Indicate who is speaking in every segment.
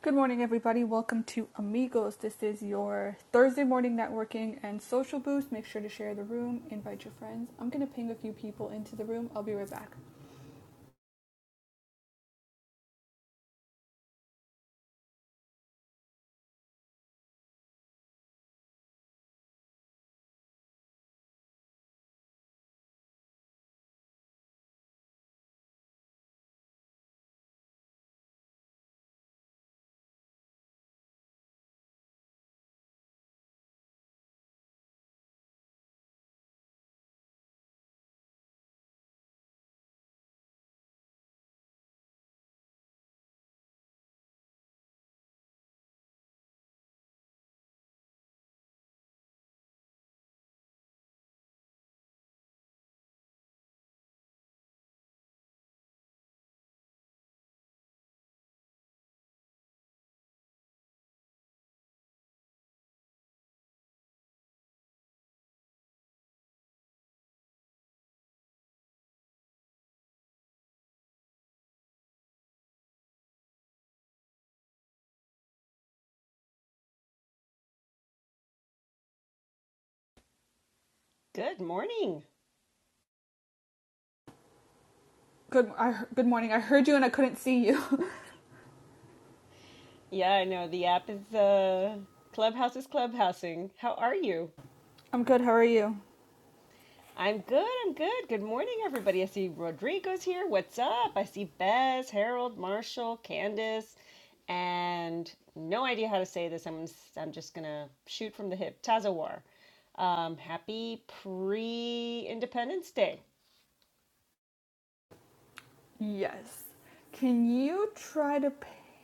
Speaker 1: Good morning, everybody. Welcome to Amigos. This is your Thursday morning networking and social boost. Make sure to share the room, invite your friends. I'm going to ping a few people into the room. I'll be right back.
Speaker 2: Good morning.
Speaker 1: Good, I, good morning. I heard you and I couldn't see you.
Speaker 2: Yeah, I know the app is uh Clubhouse is clubhousing. How are you?
Speaker 1: I'm good. How are you?
Speaker 2: I'm good. I'm good. Good morning, everybody. I see Rodrigo's here. What's up? I see Bez, Harold, Marshall, Candace, and no idea how to say this. I'm I'm just gonna shoot from the hip. Tazawar. Um, happy pre-Independence Day.
Speaker 1: Yes. Can you try to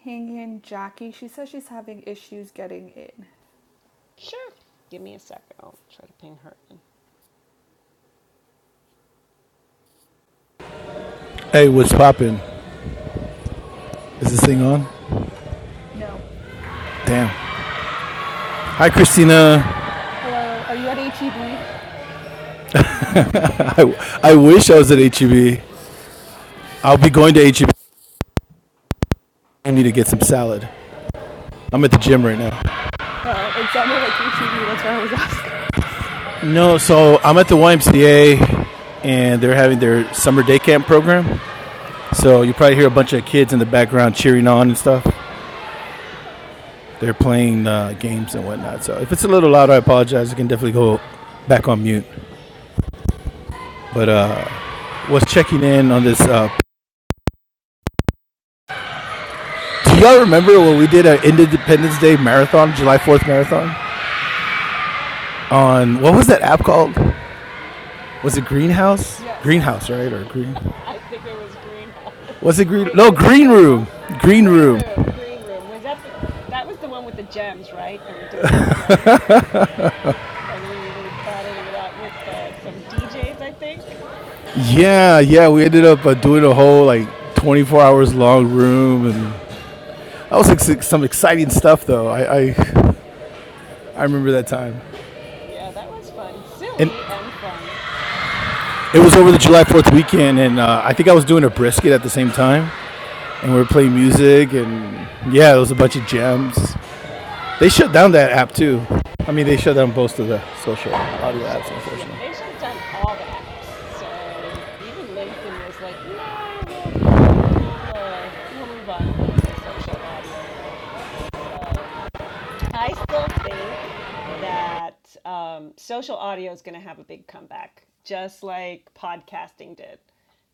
Speaker 1: ping in Jackie? She says she's having issues getting in.
Speaker 2: Sure. Give me a second. I'll try to ping her. in.
Speaker 3: Hey, what's poppin'? Is this thing on?
Speaker 1: No.
Speaker 3: Damn. Hi, Christina.
Speaker 1: Hello. Are you at HEB?
Speaker 3: I, I wish I was at H E will be going to H E B. I need to get some salad. I'm at the gym right now.
Speaker 1: Oh, it sounded like HEB. That's why I was asking.
Speaker 3: No, so I'm at the YMCA and they're having their summer day camp program. So you probably hear a bunch of kids in the background cheering on and stuff. They're playing uh, games and whatnot. So if it's a little loud, I apologize. You can definitely go back on mute. But uh, was checking in on this uh, Do y'all remember when we did our Independence Day marathon, July 4th marathon? On what was that app called? Was it Greenhouse?
Speaker 1: Yes.
Speaker 3: Greenhouse, right? Or Green?
Speaker 2: I think it was Greenhouse.
Speaker 3: Was it Green?
Speaker 2: Wait,
Speaker 3: No,
Speaker 2: was
Speaker 3: Green Room.
Speaker 2: Greenhouse?
Speaker 3: Green
Speaker 2: Green
Speaker 3: Room.
Speaker 2: Room, Green Room. Was that the that was the one with the gems, right? The ridiculous gems. And we were battling it out with uh, some DJs, I think.
Speaker 3: Yeah, yeah. We ended up uh, doing a whole like 24 hours long room, and that was like some exciting stuff, though. I I, I remember that time,
Speaker 2: Yeah, that was fun.
Speaker 3: and
Speaker 2: Silly and fun.
Speaker 3: it was over the July 4th weekend, and uh, I think I was doing a brisket at the same time, and we were playing music, and yeah, it was a bunch of jams. They shut down that app too. I mean, they shut down most of the social
Speaker 2: Yeah, they
Speaker 3: audio apps,
Speaker 2: shut yeah,
Speaker 3: unfortunately.
Speaker 2: they shut down all the apps. So even LinkedIn was like, "No, we'll we'll we'll uh, we'll move on from the social audio. So I still think that um, social audio is going to have a big comeback, just like podcasting did.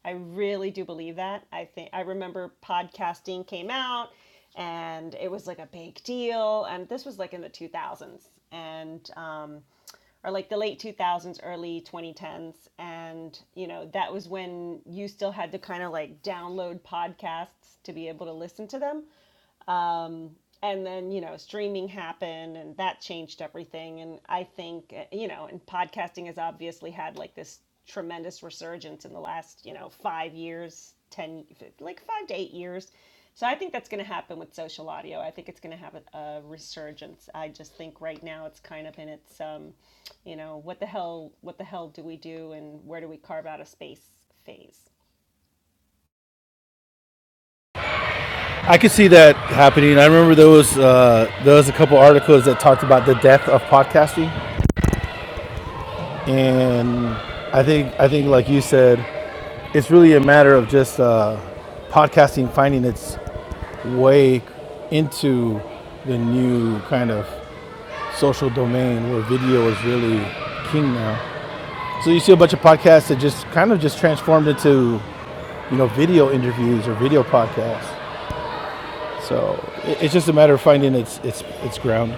Speaker 2: I really do believe that. I think I remember podcasting came out and it was like a big deal. And this was like in the 2000s and um, or like the late 2000s, early 2010s. And, you know, that was when you still had to kind of like download podcasts to be able to listen to them and then you know streaming happened and that changed everything and i think uh, you know and podcasting has obviously had like this tremendous resurgence in the last you know five years ten like five to eight years so i think that's going to happen with social audio i think it's going to have a, a resurgence i just think right now it's kind of in its um you know what the hell what the hell do we do and where do we carve out a space phase
Speaker 3: I could see that happening. I remember there was uh, there was a couple articles that talked about the death of podcasting, and I think I think like you said, it's really a matter of just uh, podcasting finding its way into the new kind of social domain where video is really king now. So you see a bunch of podcasts that just kind of just transformed into you know, video interviews or video podcasts. So it's just a matter of finding its its its ground.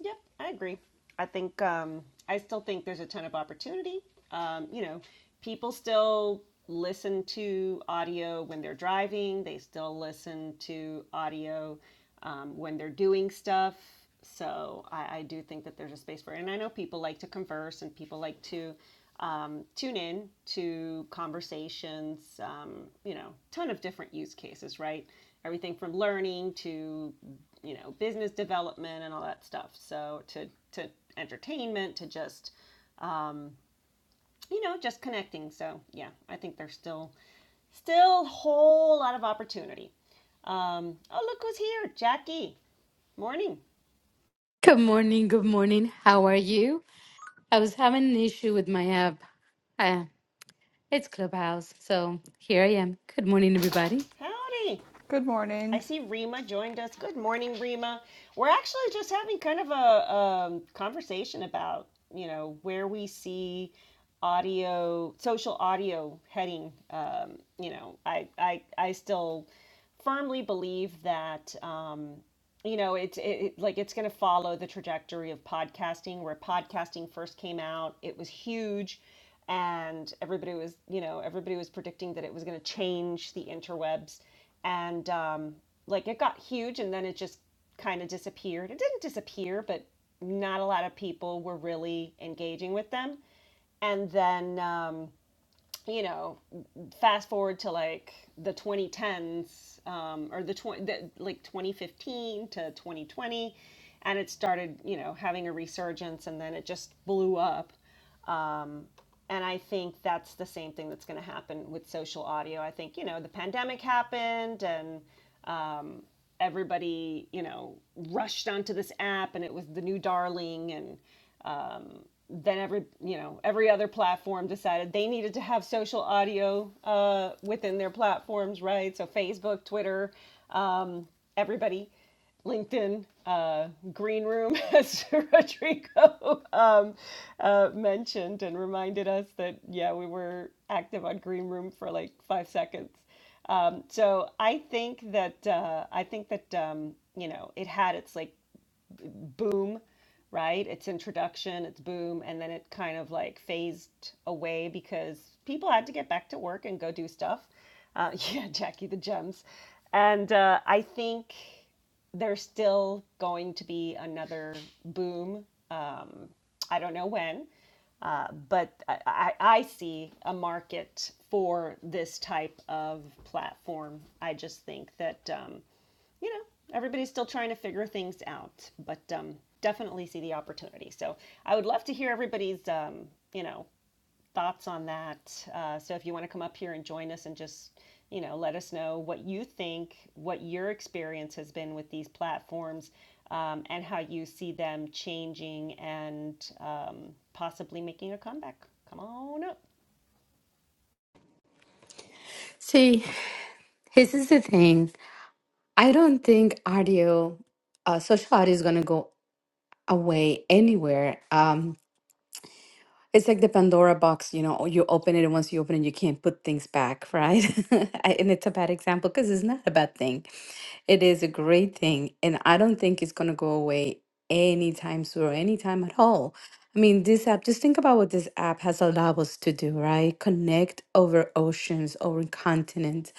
Speaker 2: Yep, I agree. I think um, I still think there's a ton of opportunity. Um, you know, people still listen to audio when they're driving. They still listen to audio um, when they're doing stuff. So I, I do think that there's a space for it. And I know people like to converse and people like to um, tune in to conversations, um, you know, ton of different use cases, right? Everything from learning to, you know, business development and all that stuff. So to, to entertainment, to just, um, you know, just connecting. So yeah, I think there's still, still a whole lot of opportunity. Um, oh, look who's here. Jackie. Morning.
Speaker 4: Good morning. Good morning. How are you? I was having an issue with my app. Uh, it's Clubhouse. So here I am. Good morning, everybody.
Speaker 2: Howdy.
Speaker 1: Good morning.
Speaker 2: I see Rima joined us. Good morning, Rima. We're actually just having kind of a um, conversation about, you know, where we see audio, social audio heading. Um, you know, I, I, I still firmly believe that um, you know it's it, it like it's going to follow the trajectory of podcasting where podcasting first came out it was huge and everybody was you know everybody was predicting that it was going to change the interwebs and um, like it got huge and then it just kind of disappeared it didn't disappear but not a lot of people were really engaging with them and then um, you know, fast forward to like the 2010s um, or the, 20, the like 2015 to 2020, and it started, you know, having a resurgence and then it just blew up. Um, and I think that's the same thing that's going to happen with social audio. I think, you know, the pandemic happened and um, everybody, you know, rushed onto this app and it was the new darling. And um, then every, you know, every other platform decided they needed to have social audio uh, within their platforms, right? So Facebook, Twitter, um, everybody LinkedIn uh, green room, as Rodrigo um, uh, mentioned and reminded us that, yeah, we were active on green room for like five seconds. Um, so I think that uh, I think that um, you know it had its like boom, right? Its introduction, its boom, and then it kind of like phased away because people had to get back to work and go do stuff. Uh, yeah, Jackie the Gems. And uh, I think there's still going to be another boom. Um, I don't know when, uh, but I, I, I see a market for this type of platform. I just think that. Um, you know, everybody's still trying to figure things out, but um, definitely see the opportunity. So I would love to hear everybody's, um, you know, thoughts on that. Uh, so if you want to come up here and join us and just, you know, let us know what you think, what your experience has been with these platforms, um, and how you see them changing and um, possibly making a comeback. Come on up.
Speaker 4: See, this is the thing. I don't think audio, uh, social audio is going to go away anywhere. Um, It's like the Pandora box, you know, or you open it and once you open it, you can't put things back, right? I- And it's a bad example because it's not a bad thing. It is a great thing. And I don't think it's going to go away anytime soon or anytime at all. I mean, this app, just think about what this app has allowed us to do, right? Connect over oceans, over continents.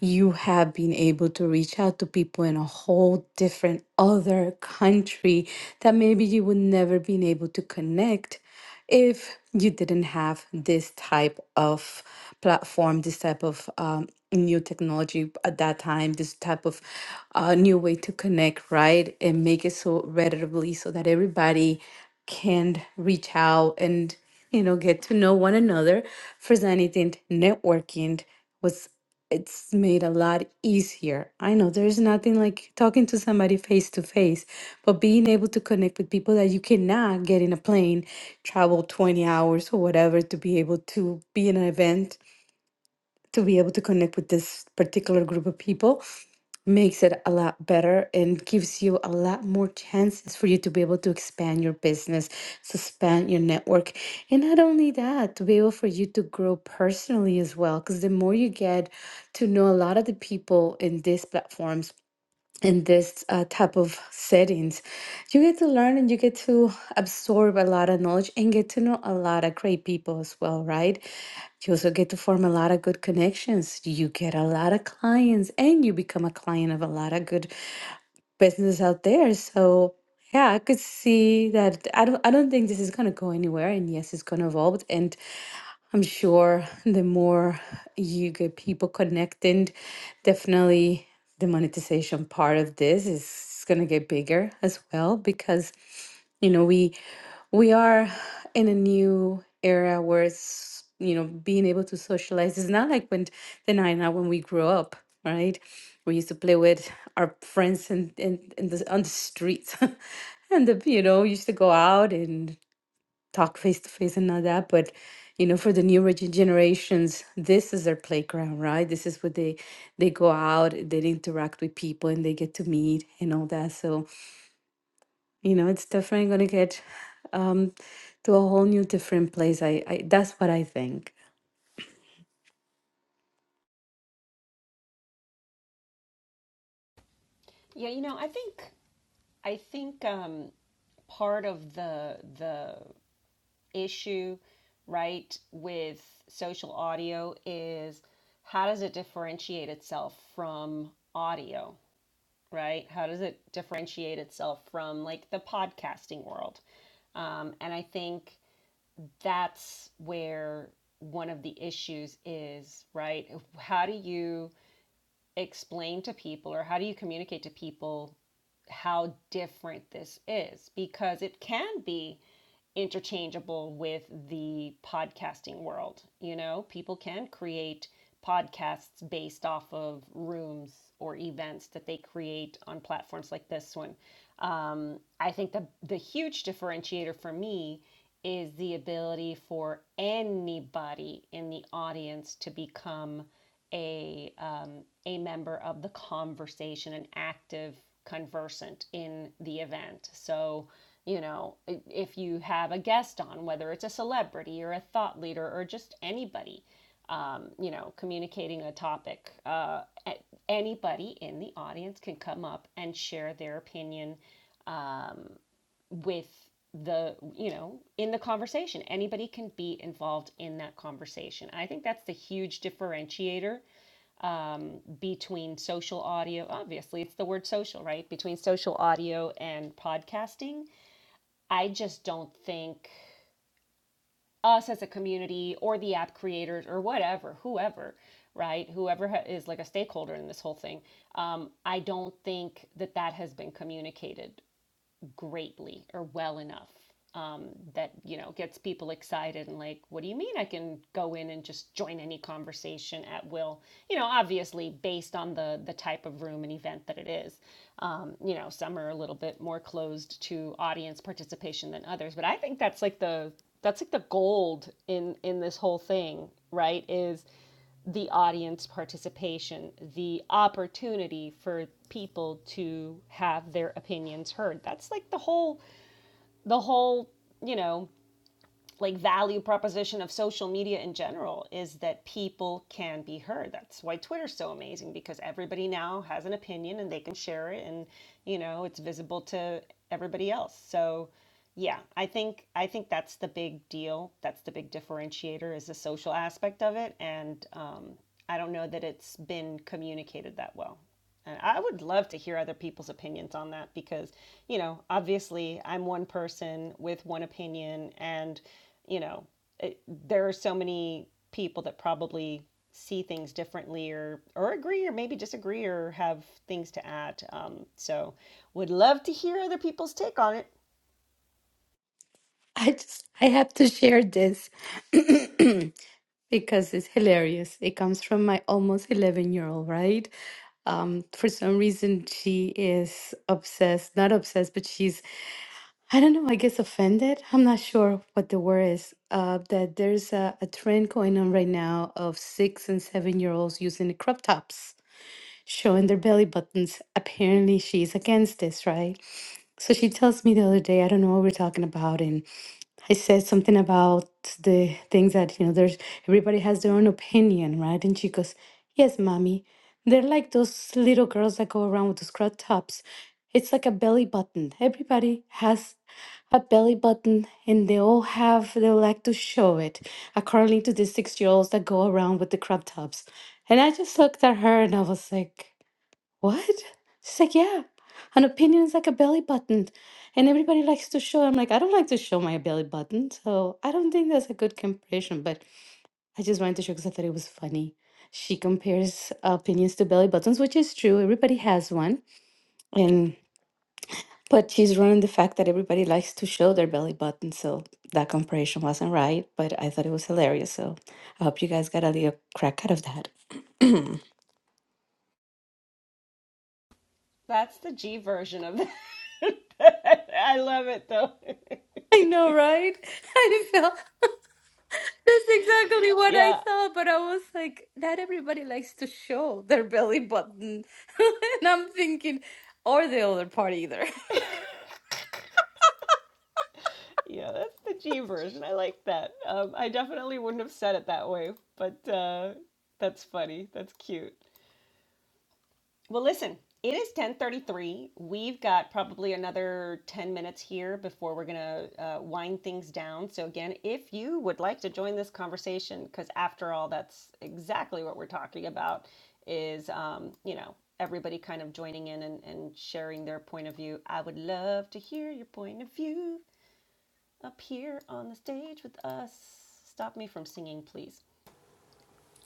Speaker 4: You have been able to reach out to people in a whole different other country that maybe you would never been able to connect if you didn't have this type of platform, this type of um, new technology at that time, this type of uh, new way to connect, right? And make it so readily so that everybody can reach out and, you know, get to know one another. For anything, networking was it's made a lot easier. I know there's nothing like talking to somebody face to face, but being able to connect with people that you cannot get in a plane, travel 20 hours or whatever to be able to be in an event to be able to connect with this particular group of people makes it a lot better and gives you a lot more chances for you to be able to expand your business, to expand your network. And not only that, to be able for you to grow personally as well. Because the more you get to know a lot of the people in these platforms, in this uh, type of settings you get to learn and you get to absorb a lot of knowledge and get to know a lot of great people as well right you also get to form a lot of good connections you get a lot of clients and you become a client of a lot of good businesses out there so yeah i could see that i don't i don't think this is going to go anywhere and yes it's going to evolve and I'm sure the more you get people connected, definitely the monetization part of this is going to get bigger as well because you know we we are in a new era where it's you know being able to socialize is not like when the nine now when we grew up right we used to play with our friends in, in, in the, on the streets and the, you know used to go out and talk face to face and all that but you know for the newer gen- generations this is their playground right this is what they they go out they interact with people and they get to meet and all that so you know it's definitely going to get um to a whole new different place i, I that's what i think
Speaker 2: Yeah, you know, I think I think um, part of the the issue, right, with social audio is how does it differentiate itself from audio, right? How does it differentiate itself from like the podcasting world? Um, and I think that's where one of the issues is, right? How do you explain to people or how do you communicate to people how different this is? Because it can be interchangeable with the podcasting world. You know, people can create podcasts based off of rooms or events that they create on platforms like this one. Um, I think the, the huge differentiator for me is the ability for anybody in the audience to become a um, a member of the conversation, an active conversant in the event. So, you know, if you have a guest on, whether it's a celebrity or a thought leader or just anybody, um, you know, communicating a topic, uh, anybody in the audience can come up and share their opinion um, with the you know in the conversation anybody can be involved in that conversation i think that's the huge differentiator um, between social audio, obviously, it's the word social, right? Between social audio and podcasting. I just don't think us as a community or the app creators or whatever, whoever, right? Whoever is like a stakeholder in this whole thing, um, I don't think that that has been communicated greatly or well enough um, that you know gets people excited and like what do you mean i can go in and just join any conversation at will you know obviously based on the the type of room and event that it is um, you know some are a little bit more closed to audience participation than others but i think that's like the that's like the gold in in this whole thing right is the audience participation, the opportunity for people to have their opinions heard. That's like the whole the whole, you know, like value proposition of social media in general is that people can be heard. That's why Twitter's so amazing because everybody now has an opinion and they can share it and you know, it's visible to everybody else. So yeah, I think I think that's the big deal. That's the big differentiator is the social aspect of it and um I don't know that it's been communicated that well. And I would love to hear other people's opinions on that because, you know, obviously I'm one person with one opinion, and, you know, it, there are so many people that probably see things differently or or agree or maybe disagree or have things to add. Um, so would love to hear other people's take on it.
Speaker 4: i just i have to share this because it's hilarious. It comes from my almost 11 year old, right? Um, for some reason, she is obsessed, not obsessed, but she's I don't know, I guess offended. I'm not sure what the word is. Uh, that there's a, a trend going on right now of six and seven year olds using the crop tops, showing their belly buttons. Apparently, she's against this, right? So she tells me the other day, I don't know what we're talking about. I said something about the things that, you know, there's everybody has their own opinion, right? And she goes, Yes, mommy. They're like those little girls that go around with those crop tops. It's like a belly button. Everybody has a belly button and they all have, they like to show it, according to the six year olds that go around with the crop tops. And I just looked at her and I was like, what? She's like, Yeah, an opinion is like a belly button. And everybody likes to show. I'm like, I don't like to show my belly button. So I don't think that's a good comparison, but I just wanted to show because I thought it was funny. She compares opinions to belly buttons, which is true. Everybody has one. And but she's running the fact that everybody likes to show their belly button. So that comparison wasn't right, but I thought it was hilarious. So I hope you guys got a little crack out of that.
Speaker 2: That's the G version of that. I love it though.
Speaker 4: I know, right? I felt that's exactly what I
Speaker 2: Yeah,
Speaker 4: thought, but I was like, not everybody likes to show their belly button. And I'm thinking, or the other part either.
Speaker 2: Yeah, that's the G version. I like that. Um, I definitely wouldn't have said it that way, but uh, that's funny. That's cute. Well, listen, it is 10:33. We've got probably another 10 minutes here before we're gonna uh, wind things down. So again, if you would like to join this conversation, because after all, that's exactly what we're talking about, is um, you know everybody kind of joining in and, and sharing their point of view. I would love to hear your point of view up here on the stage with us. Stop me from singing, please.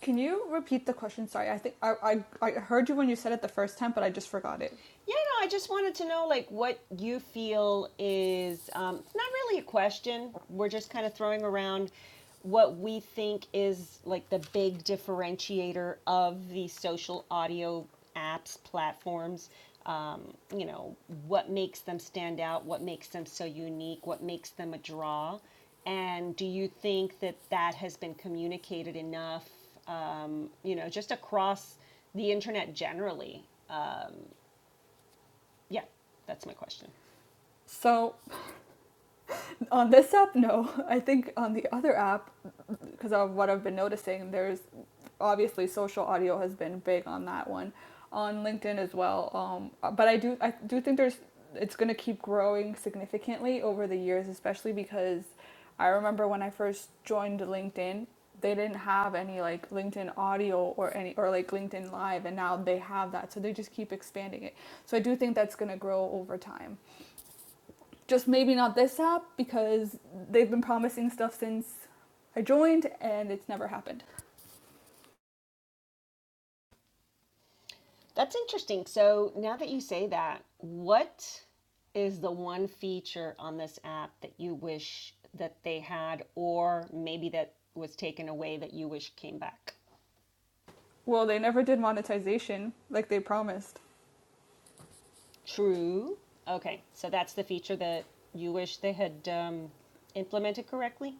Speaker 1: Can you repeat the question? Sorry, I think I, I, I heard you when you said it the first time, but I just forgot it.
Speaker 2: Yeah, no, I just wanted to know like what you feel is um, it's not really a question. We're just kind of throwing around what we think is like the big differentiator of the social audio apps, platforms. Um, you know, what makes them stand out? What makes them so unique? What makes them a draw? And do you think that that has been communicated enough, um, you know, just across the internet generally? Um, yeah, that's my question.
Speaker 1: So on this app, no. I think on the other app, because of what I've been noticing, there's obviously social audio has been big on that one, on LinkedIn as well. Um, but I do I do think there's it's going to keep growing significantly over the years, especially because I remember when I first joined LinkedIn, they didn't have any like LinkedIn audio or any or like LinkedIn Live, and now they have that. So they just keep expanding it. So I do think that's going to grow over time. Just maybe not this app because they've been promising stuff since I joined, and it's never happened.
Speaker 2: That's interesting. So now that you say that, what is the one feature on this app that you wish that they had, or maybe that was taken away that you wish came back?
Speaker 1: Well, they never did monetization like they promised.
Speaker 2: True. Okay, so that's the feature that you wish they had um, implemented correctly.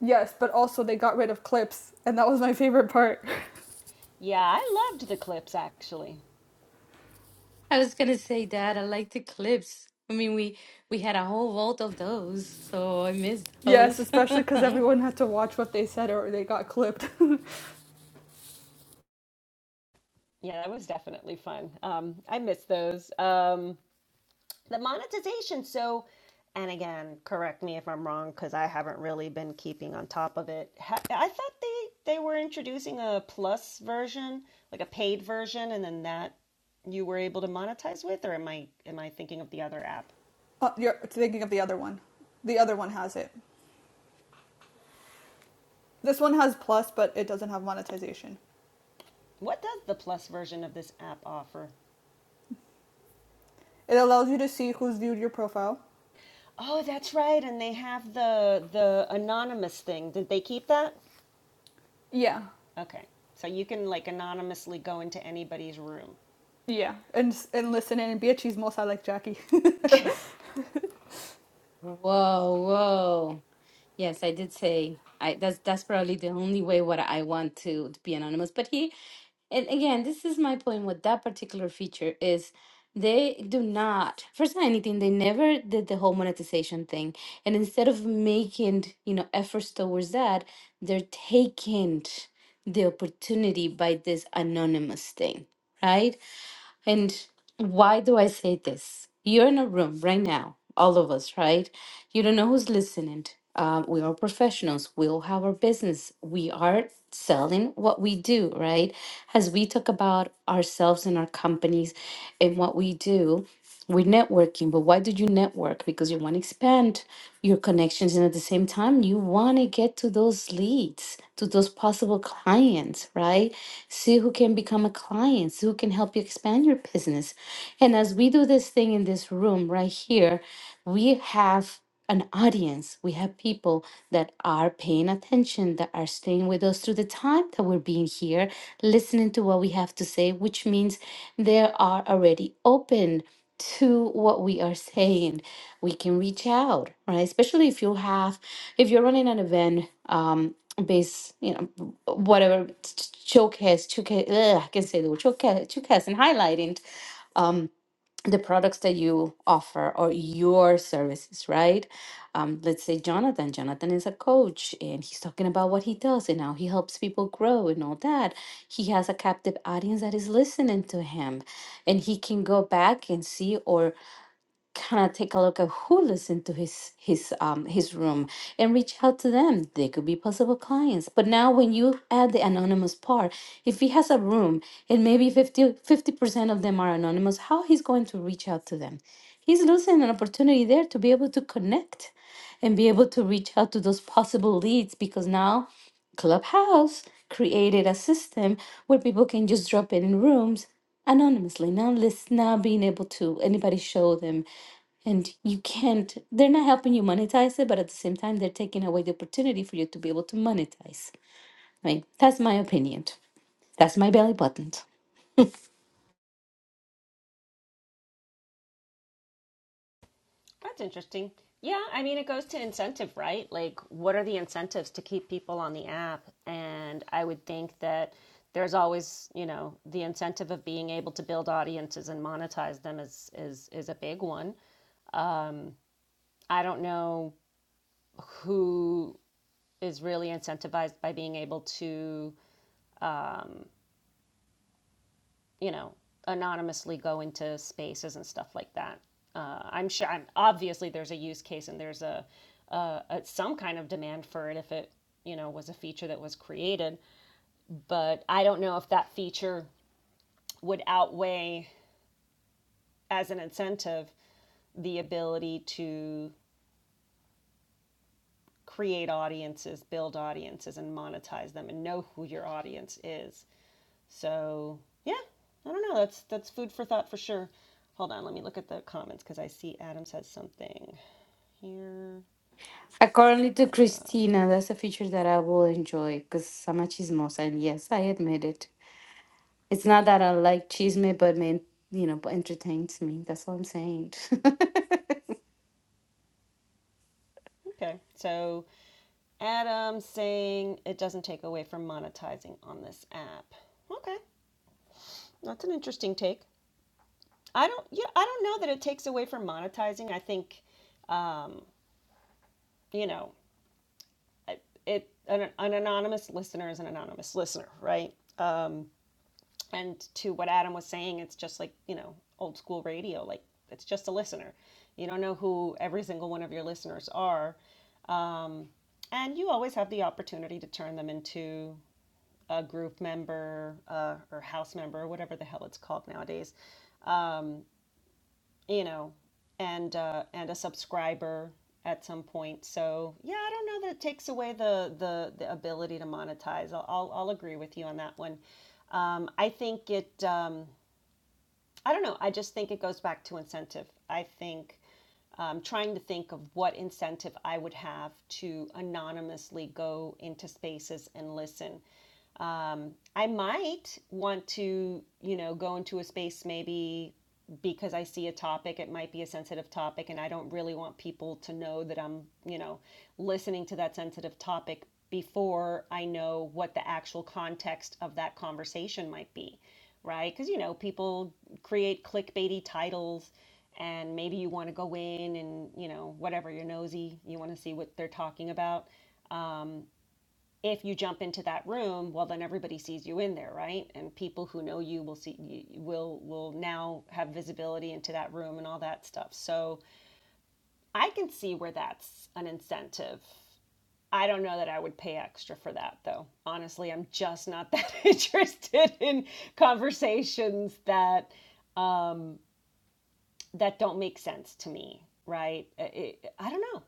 Speaker 1: Yes, but also they got rid of clips, and that was my favorite part.
Speaker 2: Yeah, I loved the clips actually.
Speaker 4: I was gonna say that I like the clips. I mean, we we had a whole vault of those, so I missed
Speaker 1: yes,
Speaker 4: those.
Speaker 1: especially because everyone had to watch what they said or they got clipped.
Speaker 2: Yeah, that was definitely fun. Um, I miss those. Um, the monetization. So, and again, correct me if I'm wrong because I haven't really been keeping on top of it. I thought they they were introducing a plus version, like a paid version, and then that you were able to monetize with. Or am I am I thinking of the other app?
Speaker 1: uh, you're thinking of the other one. The other one has it. This one has plus, but it doesn't have monetization.
Speaker 2: What does the plus version of this app offer?
Speaker 1: It allows you to see who's viewed your profile
Speaker 2: Oh, that's right, and they have the the anonymous thing. Did they keep that?
Speaker 1: Yeah.
Speaker 2: Okay, so you can like anonymously go into anybody's room.
Speaker 1: Yeah. and and listen in and be a chismosa like Jackie.
Speaker 4: Whoa, whoa. Yes, I did say I that's that's probably the only way what I want to, to be anonymous. But he and again this is my point with that particular feature is they do not first of anything they never did the whole monetization thing and instead of making you know efforts towards that they're taking the opportunity by this anonymous thing right and why do I say this? You're in a room right now, all of us, right? You don't know who's listening. Um, we are professionals. We all have our business. We are selling what we do, right? As we talk about ourselves and our companies and what we do, we're networking, but why did you network? Because you want to expand your connections, and at the same time, you want to get to those leads, to those possible clients, right? See who can become a client, see who can help you expand your business. And as we do this thing in this room right here, we have an audience. We have people that are paying attention, that are staying with us through the time that we're being here, listening to what we have to say, which means they are already open to what we are saying we can reach out right especially if you have if you're running an event um based you know whatever showcase showcase ugh, i can say the word showcase, showcase and highlighting um the products that you offer or your services right um let's say jonathan jonathan is a coach and he's talking about what he does and how he helps people grow and all that he has a captive audience that is listening to him and he can go back and see or kind of take a look at who lives into his his um his room and reach out to them they could be possible clients but now when you add the anonymous part if he has a room and maybe 50 percent of them are anonymous how he's going to reach out to them he's losing an opportunity there to be able to connect and be able to reach out to those possible leads because now clubhouse created a system where people can just drop in in rooms anonymously now let's not being able to anybody show them and you can't, they're not helping you monetize it, but at the same time, they're taking away the opportunity for you to be able to monetize. I mean, that's my opinion. That's my belly button.
Speaker 2: That's interesting. Yeah, I mean, it goes to incentive, right? Like, what are the incentives to keep people on the app? And I would think that there's always, you know, the incentive of being able to build audiences and monetize them is is is a big one. Um, I don't know who is really incentivized by being able to you know, anonymously go into spaces and stuff like that. Uh, I'm sure. I'm obviously there's a use case and there's a, uh a some kind of demand for it if it you know was a feature that was created. But I don't know if that feature would outweigh as an incentive the ability to create audiences, build audiences, and monetize them, and know who your audience is. So yeah, I don't know. That's that's food for thought for sure. Hold on, let me look at the comments because I see Adam says something here.
Speaker 4: According to
Speaker 2: Uh,
Speaker 4: Christina, that's a feature that I will enjoy because I'm a chismosa, and yes, I admit it. It's not that I like chisme, but man, you know, but entertains me. That's what I'm saying.
Speaker 2: okay, so Adam saying it doesn't take away from monetizing on this app. Okay, that's an interesting take. I don't yeah I don't know that it takes away from monetizing. I think um, you know it it an, an anonymous listener is an anonymous listener, right? Um, and to what Adam was saying, it's just like, you know, old school radio. Like, it's just a listener. You don't know who every single one of your listeners are. And you always have the opportunity to turn them into a group member uh, or house member, or whatever the hell it's called nowadays, you know, and, uh, and a subscriber at some point. So, yeah, I don't know that it takes away the, the, the ability to monetize. I'll, I'll, I'll agree with you on that one. Um, I think it. Um, I don't know. I just think it goes back to incentive. I think um, trying to think of what incentive I would have to anonymously go into spaces and listen. Um, I might want to, you know, go into a space maybe because I see a topic, it might be a sensitive topic, and I don't really want people to know that I'm, you know, listening to that sensitive topic before I know what the actual context of that conversation might be, right? Because, you know, people create clickbaity titles and maybe you want to go in and, you know, whatever, you're nosy, you want to see what they're talking about if you jump into that room, well, then everybody sees you in there, right? And people who know you will see you will will now have visibility into that room and all that stuff. So I can see where that's an incentive. I don't know that I would pay extra for that though. Honestly, I'm just not that interested in conversations that that don't make sense to me, right? It, I don't know.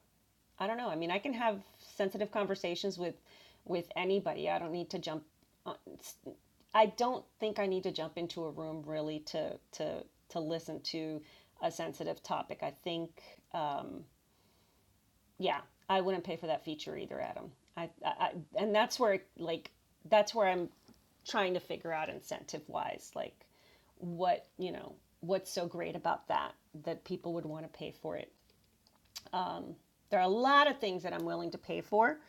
Speaker 2: I don't know. I mean, I can have sensitive conversations with with anybody. I don't need to jump. On, I don't think I need to jump into a room really to to to listen to a sensitive topic. I think, um, yeah, I wouldn't pay for that feature either, Adam. I, I, I and that's where like that's where I'm trying to figure out incentive wise, like what you know what's so great about that that people would want to pay for it. There are a lot of things that I'm willing to pay for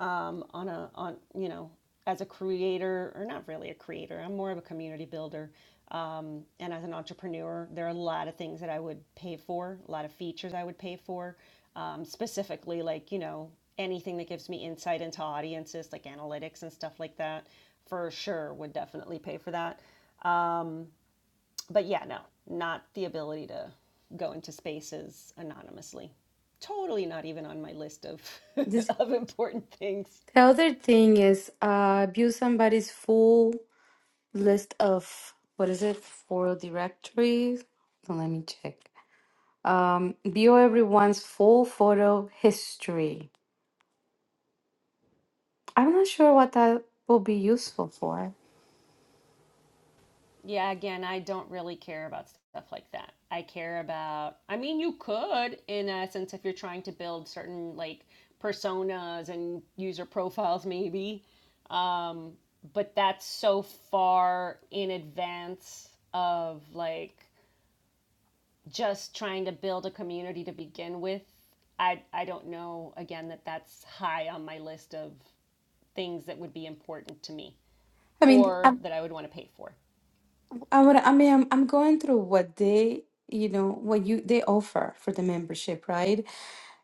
Speaker 2: um, on a on you know as a creator or not really a creator i'm more of a community builder um, and as an entrepreneur there are a lot of things that i would pay for a lot of features i would pay for um, specifically like you know anything that gives me insight into audiences like analytics and stuff like that for sure would definitely pay for that um, but yeah no not the ability to go into spaces anonymously totally not even on my list of
Speaker 4: This-
Speaker 2: of important things
Speaker 4: the other thing is uh, view somebody's full list of what is it for directory? So let me check. um, view everyone's full photo history. I'm not sure what that will be useful for.
Speaker 2: yeah, again, I don't really care about stuff like that. I care about, I mean, you could, in essence, if you're trying to build certain like personas and user profiles, maybe. Um, but that's so far in advance of like just trying to build a community to begin with. I, I don't know, again, that that's high on my list of things that would be important to me
Speaker 4: I mean,
Speaker 2: or
Speaker 4: I,
Speaker 2: that I would want to pay for.
Speaker 4: I, would, I mean, I'm, I'm going through what they, you know, what you they offer for the membership, right?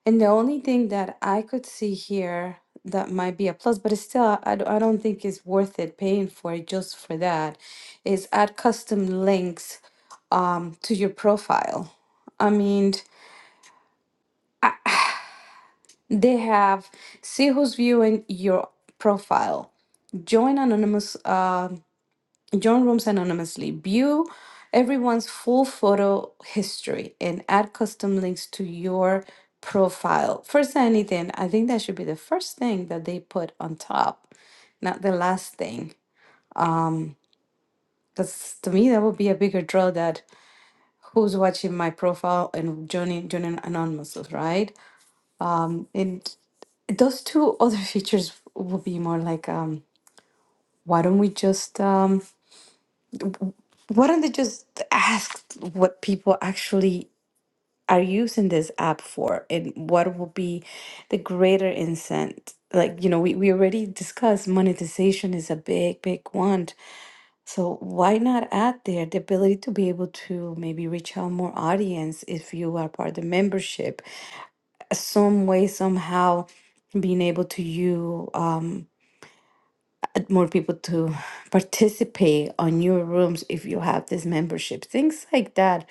Speaker 4: And the only thing that I could see here that might be a plus, but it's still, I, d- I don't think it's worth it paying for it just for that, is add custom links um, to your profile. I mean. They have see who's viewing your profile. Join anonymous. Uh, join rooms anonymously. View everyone's full photo history and add custom links to your profile. First than anything, I think that should be the first thing that they put on top, not the last thing. Because to me, that would be a bigger draw that who's watching my profile and joining joining anonymous, right? And those two other features will be more like um why don't we just um why don't they just ask what people actually are using this app for and what will be the greater incent like you know we, we already discussed monetization is a big big one so why not add there the ability to be able to maybe reach out more audience if you are part of the membership some way somehow being able to you um. more people to participate on your rooms if you have this membership. Things like that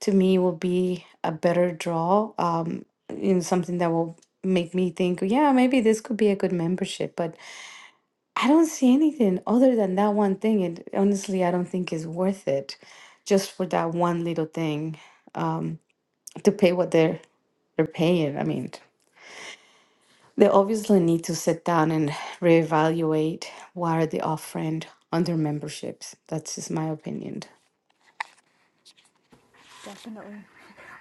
Speaker 4: to me will be a better draw. Um, in something that will make me think, yeah, maybe this could be a good membership. But I don't see anything other than that one thing. And honestly, I don't think it's worth it just for that one little thing um, to pay what they're they're paying. I mean, They obviously need to sit down and reevaluate what are they offering on their memberships. That's just my opinion.
Speaker 1: Definitely.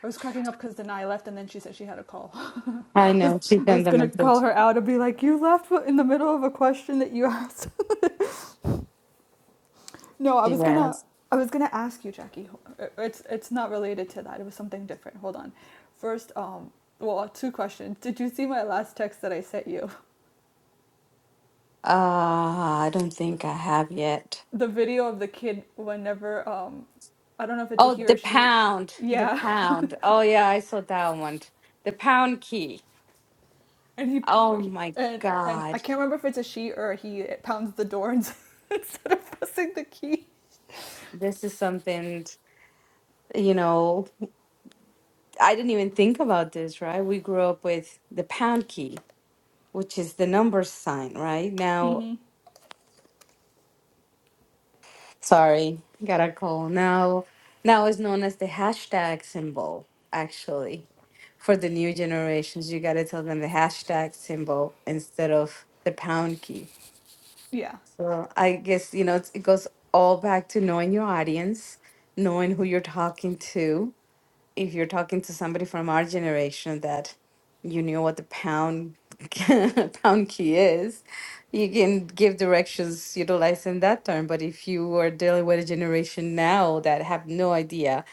Speaker 1: I was cracking up because Denai left and then she said she had a call.
Speaker 4: I
Speaker 1: I
Speaker 4: know she sent
Speaker 1: was
Speaker 4: them a
Speaker 1: gonna call
Speaker 4: message.
Speaker 1: her out and be like, "You left in the middle of a question that you asked." no, I
Speaker 4: She
Speaker 1: was gonna,
Speaker 4: has.
Speaker 1: I was gonna ask you, Jackie. It's it's not related to that. It was something different. Hold on. First, um, well, two questions. Did you see my last text that I sent you?
Speaker 4: Uh, I don't think I have yet.
Speaker 1: The video of the kid whenever um, I don't know if it's a
Speaker 4: Oh,
Speaker 1: he or
Speaker 4: the
Speaker 1: she.
Speaker 4: pound, the
Speaker 1: Yeah,
Speaker 4: pound. Oh yeah, I saw that one. The pound key.
Speaker 1: and he,
Speaker 4: Oh my
Speaker 1: and and
Speaker 4: God,
Speaker 1: I can't remember if it's a she or a he. It pounds the door instead of pressing the key.
Speaker 4: this is something. You know, I didn't even think about this. Right, we grew up with the pound key, which is the number sign. Right now,
Speaker 1: hmm
Speaker 4: Sorry, got a call. Now, now is known as the hashtag symbol, actually. For the new generations, you got to tell them the hashtag symbol instead of the pound key.
Speaker 1: Yeah.
Speaker 4: So I guess, you know, it's, it goes all back to knowing your audience, knowing who you're talking to, if you're talking to somebody from our generation that you knew what the pound pound key is, you can give directions utilizing that term. But if you are dealing with a generation now that have no idea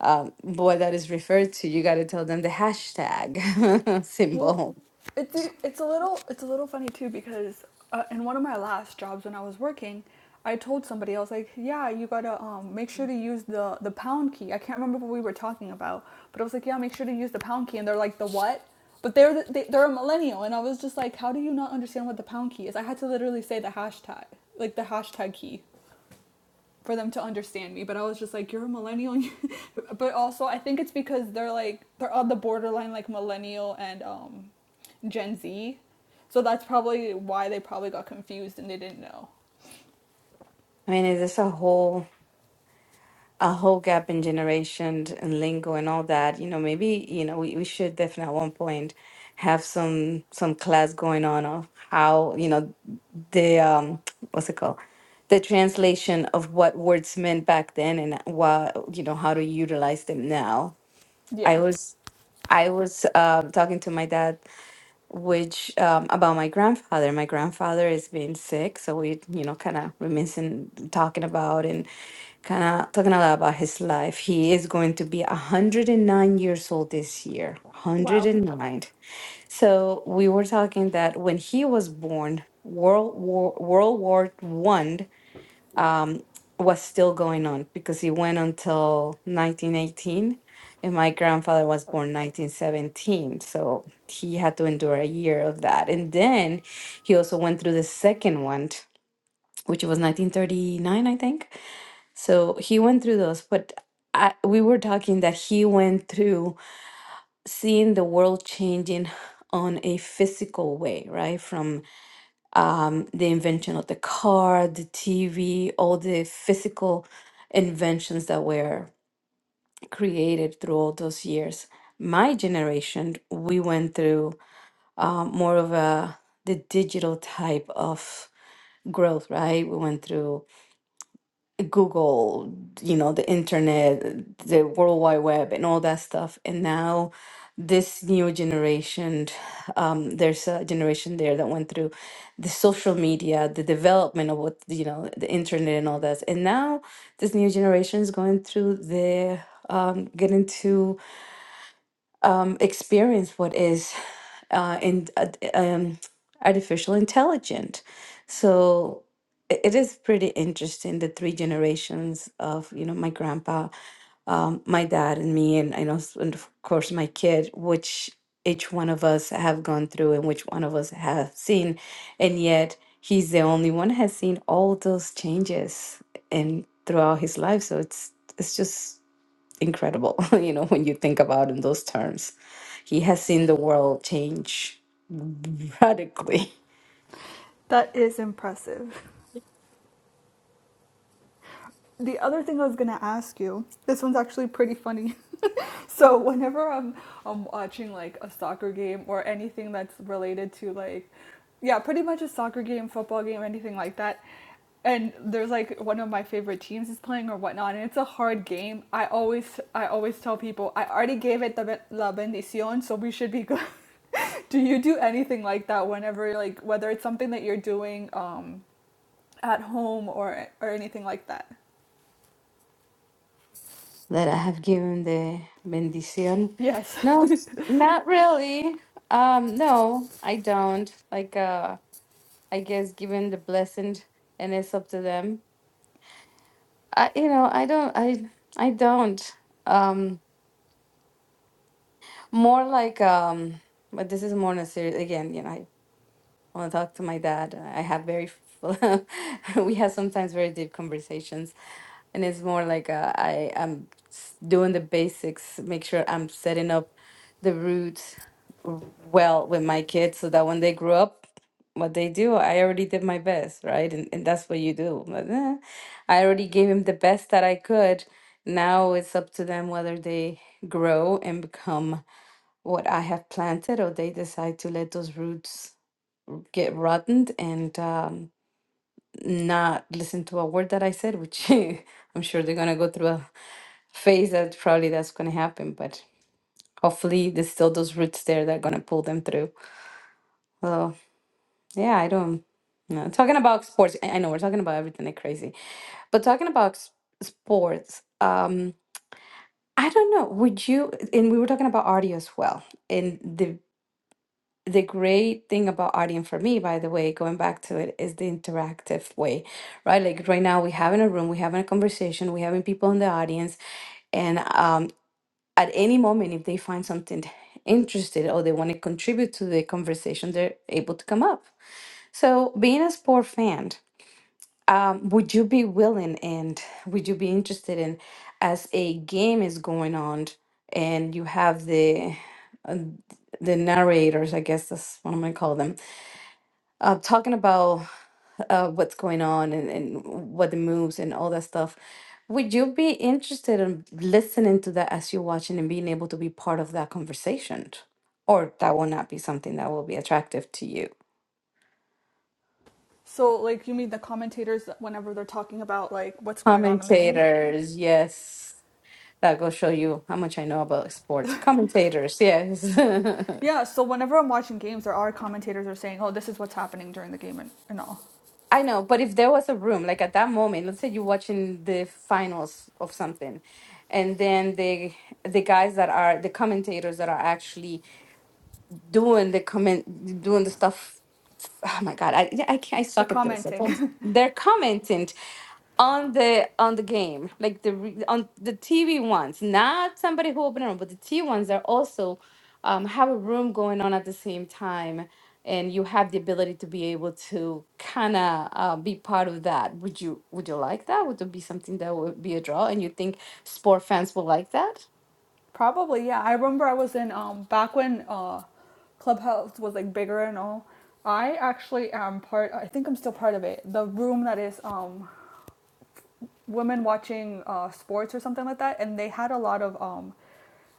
Speaker 4: um, what that is referred to, you got to tell them the hashtag
Speaker 1: Well,
Speaker 4: symbol.
Speaker 1: it's it's a little it's a little funny too because uh, in one of my last jobs when I was working, I told somebody I was like, yeah, you gotta um, make sure to use the the pound key. I can't remember what we were talking about, but I was like, yeah, make sure to use the pound key, and they're like, the what? But they're the, they, they're a millennial, and I was just like, how do you not understand what the pound key is? I had to literally say the hashtag, like the hashtag key for them to understand me. But I was just like, you're a millennial. but also, I think it's because they're like they're on the borderline like millennial and um, Gen Z. So that's probably why they probably got confused and they didn't know.
Speaker 4: I mean, it is a whole. a whole gap in generations and lingo and all that, you know, maybe, you know, we, we should definitely at one point have some some class going on of how, you know, the um what's it called? The translation of what words meant back then and what you know, how to utilize them now. I
Speaker 1: Yeah.
Speaker 4: was I was uh, talking to my dad, which um, about my grandfather. My grandfather has been sick, so we, you know, kind of reminiscing, talking about and kind of talking a lot about his life. He is going to be 109 years old this year.
Speaker 1: Wow.
Speaker 4: 109. So we were talking that when he was born, World War World War One um, was still going on because it went until 1918, and my grandfather was born 1917. So he had to endure a year of that, and then he also went through the second one, which was 1939, I think so he went through those, but I, we were talking that he went through seeing the world changing on a physical way, right? From um, the invention of the car, the TV, all the physical inventions that were created through all those years. My generation, we went through uh, more of a the digital type of growth, right? We went through Google, you know, the internet, the World Wide Web, and all that stuff. And now, this new generation, um, there's a generation there that went through the social media, the development of what, you know, the internet and all that. And now, this new generation is going through the um, getting to um, experience what is uh, in uh, um, artificial intelligence. So i- it is pretty interesting the three generations of you know my grandpa, um, my dad, and me, and I know s- and of course my kid, which each one of us have gone through and which one of us have seen, and yet he's the only one has seen all those changes and throughout his life. So it's it's just incredible, you know, when you think about in those terms. He has seen the world change radically.
Speaker 1: That is impressive. The other thing I was gonna ask you, this one's actually pretty funny. so whenever I'm I'm watching like a soccer game or anything that's related to like, yeah, pretty much a soccer game, football game, anything like that, and there's like one of my favorite teams is playing or whatnot, and it's a hard game. I always I always tell people I already gave it the la bendición, so we should be good. do you do anything like that whenever like whether it's something that you're doing um, at home or or anything like that?
Speaker 4: That I have given the bendición.
Speaker 1: Yes.
Speaker 4: No, not really. Um, no, I don't. Like, uh, I guess given the blessing, and it's up to them. I, you know, I don't. I, I don't. Um, more like um, but this is more necessary again. You know, when I talk to my dad, uh, I have very, full- we have sometimes very deep conversations, and it's more like uh, I am s- doing the basics, make sure I'm setting up the roots w- well with my kids, so that when they grow up, what they do, I already did my best, right? And and that's what you do. But, eh, I already gave him the best that I could. Now it's up to them whether they grow and become what I have planted, or they decide to let those roots get rotten and um, not listen to a word that I said, which I'm sure they're gonna go through a phase that probably that's gonna happen. But hopefully, there's still those roots there that are gonna pull them through. So yeah, I don't. No, talking about sports, I I know we're talking about everything like crazy, but talking about s- sports, um, I don't know. Would you? And we were talking about audio as well, and the the great thing about audience for me, by the way, going back to it, is the interactive way, right? Like right now, we have in a room, we having a conversation, we having people in the audience, and um, at any moment, if they find something interested or they want to contribute to the conversation, they're able to come up. So, being a sport fan, um, would you be willing and would you be interested in, as a game is going on, and you have the uh, the narrators, I guess that's what I'm gonna call them uh, talking about uh, what's going on and, and what the moves and all that stuff, would you be interested in listening to that as you're watching and being able to be part of that conversation? Or that will not be something that will be attractive to you?
Speaker 1: so, like, you mean the commentators whenever they're talking about, like, what's going on in the game?
Speaker 4: Commentators, yes. That will show you how much I know about sports. Commentators, yes.
Speaker 1: Yeah, so whenever I'm watching games, there are commentators are saying, oh, this is what's happening during the game and, and all.
Speaker 4: I know, but if there was a room, like at that moment, let's say you're watching the finals of something, and then the the guys that are the commentators that are actually doing the comment doing the stuff. Oh my God, I I can't, I
Speaker 1: The
Speaker 4: suck at this. I can't-
Speaker 1: commenting.
Speaker 4: They're commenting on the on the game like the re- on the tv ones not somebody who open a room but the T ones are also um, have a room going on at the same time and you have the ability to be able to kind of uh, be part of that would you would you like that would it be something that would be a draw and you think Sport fans will like that.
Speaker 1: Probably, yeah. I remember I was in, um, back when uh, Clubhouse was, like, bigger and all. I actually am part, I think I'm still part of it. The room that is, um, women watching uh, sports or something like that, and they had a lot of um,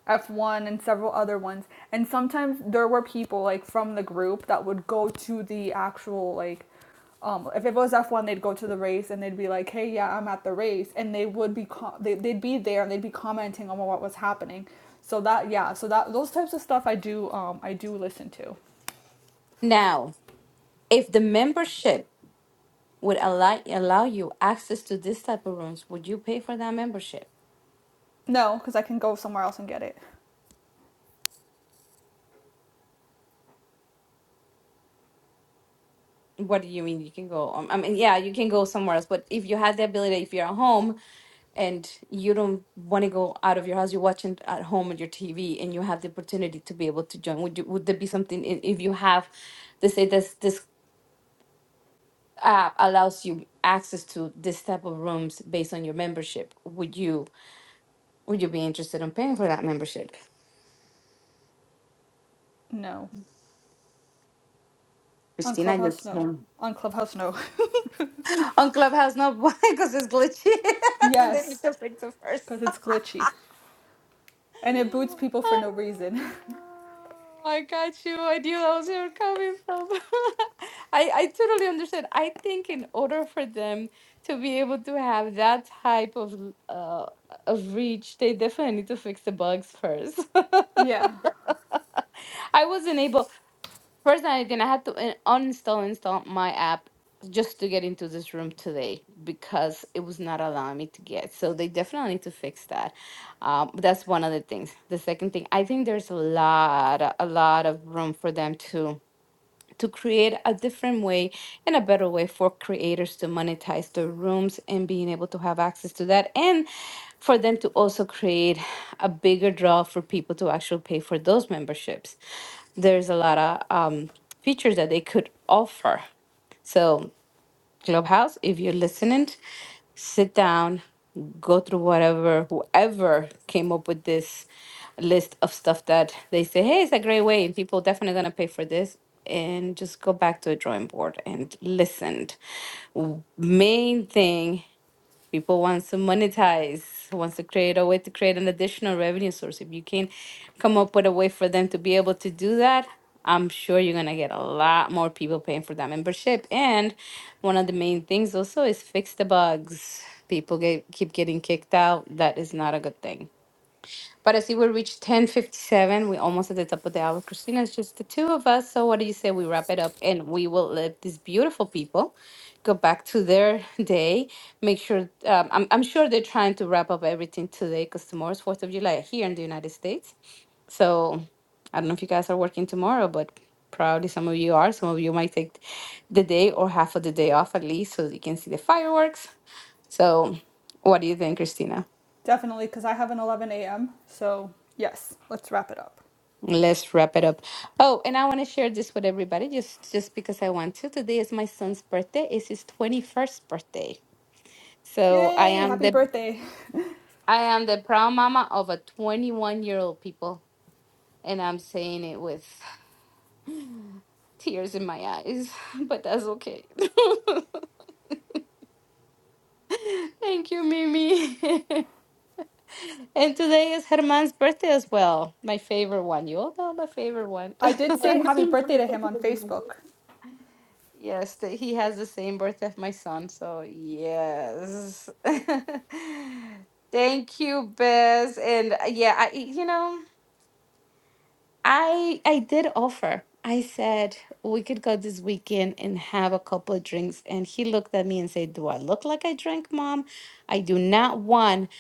Speaker 1: F1 and several other ones. And sometimes there were people like from the group that would go to the actual like um, if it was F1, they'd go to the race and they'd be like, "Hey, yeah, I'm at the race," and they would be co- they, they'd be there and they'd be commenting on what was happening. So that yeah, so that those types of stuff I do um I do listen to.
Speaker 4: Now, if the membership would allow allow you access to this type of rooms, would you pay for that membership?
Speaker 1: No, because I can go somewhere else and get it.
Speaker 4: What do you mean? You can go. Um, I mean, yeah, you can go somewhere else. But if you had the ability, if you're at home and you don't want to go out of your house. You're watching at home on your TV, and you have the opportunity to be able to join. Would you, would there be something i- if you have, they say this this app allows you access to this type of rooms based on your membership? Would you would you be interested in paying for that membership,
Speaker 1: No, on
Speaker 4: Christina? You
Speaker 1: Clubhouse no,
Speaker 4: can
Speaker 1: on Clubhouse no.
Speaker 4: on Clubhouse, no, because it's glitchy. so they need
Speaker 1: yes,
Speaker 4: to fix it first.
Speaker 1: because it's glitchy and it boots people for no reason.
Speaker 4: Oh, I got you. I knew that was where you're coming from. I, I totally understand. I think in order for them to be able to have that type of l- uh, of reach, they definitely need to fix the bugs first.
Speaker 1: yeah,
Speaker 4: I wasn't able. First, I'm gonna have to in- uninstall install my app just to get into this room today because it was not allowing me to get. So they definitely need to fix that. Um, that's one of the things. The second thing, I think there's a lot, a lot of room for them to to create a different way and a better way for creators to monetize their rooms and being able to have access to that and for them to also create a bigger draw for people to actually pay for those memberships there's a lot of um, features that they could offer so. Clubhouse. If you're listening, sit down, go through whatever, whoever came up with this list of stuff that they say, hey, it's a great way, and people definitely gonna pay for this. And just go back to a drawing board and listen. W- Main thing people wants to monetize wants to create a way to create an additional revenue source if you can come up with a way for them to be able to do that i'm sure you're going to get a lot more people paying for that membership and one of the main things also is fix the bugs people get keep getting kicked out that is not a good thing but I see we reached 1057. We're almost at the top of the hour. Christina, it's just the two of us. So what do you say we wrap it up and we will let these beautiful people go back to their day. Make sure, um, I'm, I'm sure they're trying to wrap up everything today because tomorrow's 4th of July here in the United States. So I don't know if you guys are working tomorrow, but probably some of you are. Some of you might take the day or half of the day off at least so that you can see the fireworks. So what do you think, Christina?
Speaker 1: definitely because I have an 11 a.m. So, yes, let's wrap it up.
Speaker 4: Let's wrap it up. Oh, and I want to share this with everybody just just because I want to. Today is my son's birthday. It's his 21st birthday. So I
Speaker 1: Yay!
Speaker 4: am
Speaker 1: Happy
Speaker 4: the
Speaker 1: birthday!
Speaker 4: I am the proud mama of a 21 year old people, and I'm saying it with tears in my eyes, but that's okay. Thank you, Mimi. and today is Herman's birthday as well. My favorite one. You all know my favorite one.
Speaker 1: I did say happy birthday to him on Facebook.
Speaker 4: Yes, th- he has the same birthday of my son, so yes. Thank you, Bez. And uh, yeah, I you know, I I did offer. I said we could go this weekend and have a couple of drinks. And he looked at me and said, Do I look like I drink, mom? I do not want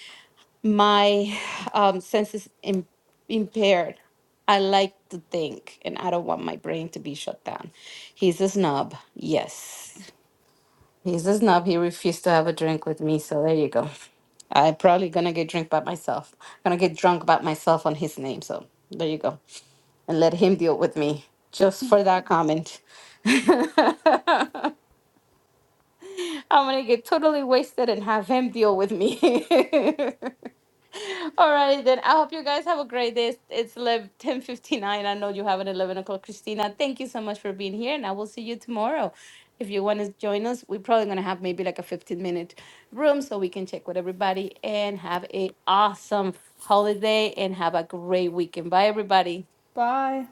Speaker 4: my um senses im- impaired. I like to think, and I don't want my brain to be shut down. He's a snob, yes. He's a snob. He refused to have a drink with me. So there you go. I'm probably going to get drunk by myself. going to get drunk by myself on his name. So there you go. And let him deal with me just for that comment. I'm gonna get totally wasted and have him deal with me. All right, then. I hope you guys have a great day. It's eleven ten fifty nine. I know you have an 11 o'clock. Christina, thank you so much for being here, and I will see you tomorrow. If you want to join us, we're probably going to have maybe like a 15-minute room so we can check with everybody and have a awesome holiday and have a great weekend. Bye, everybody.
Speaker 1: Bye.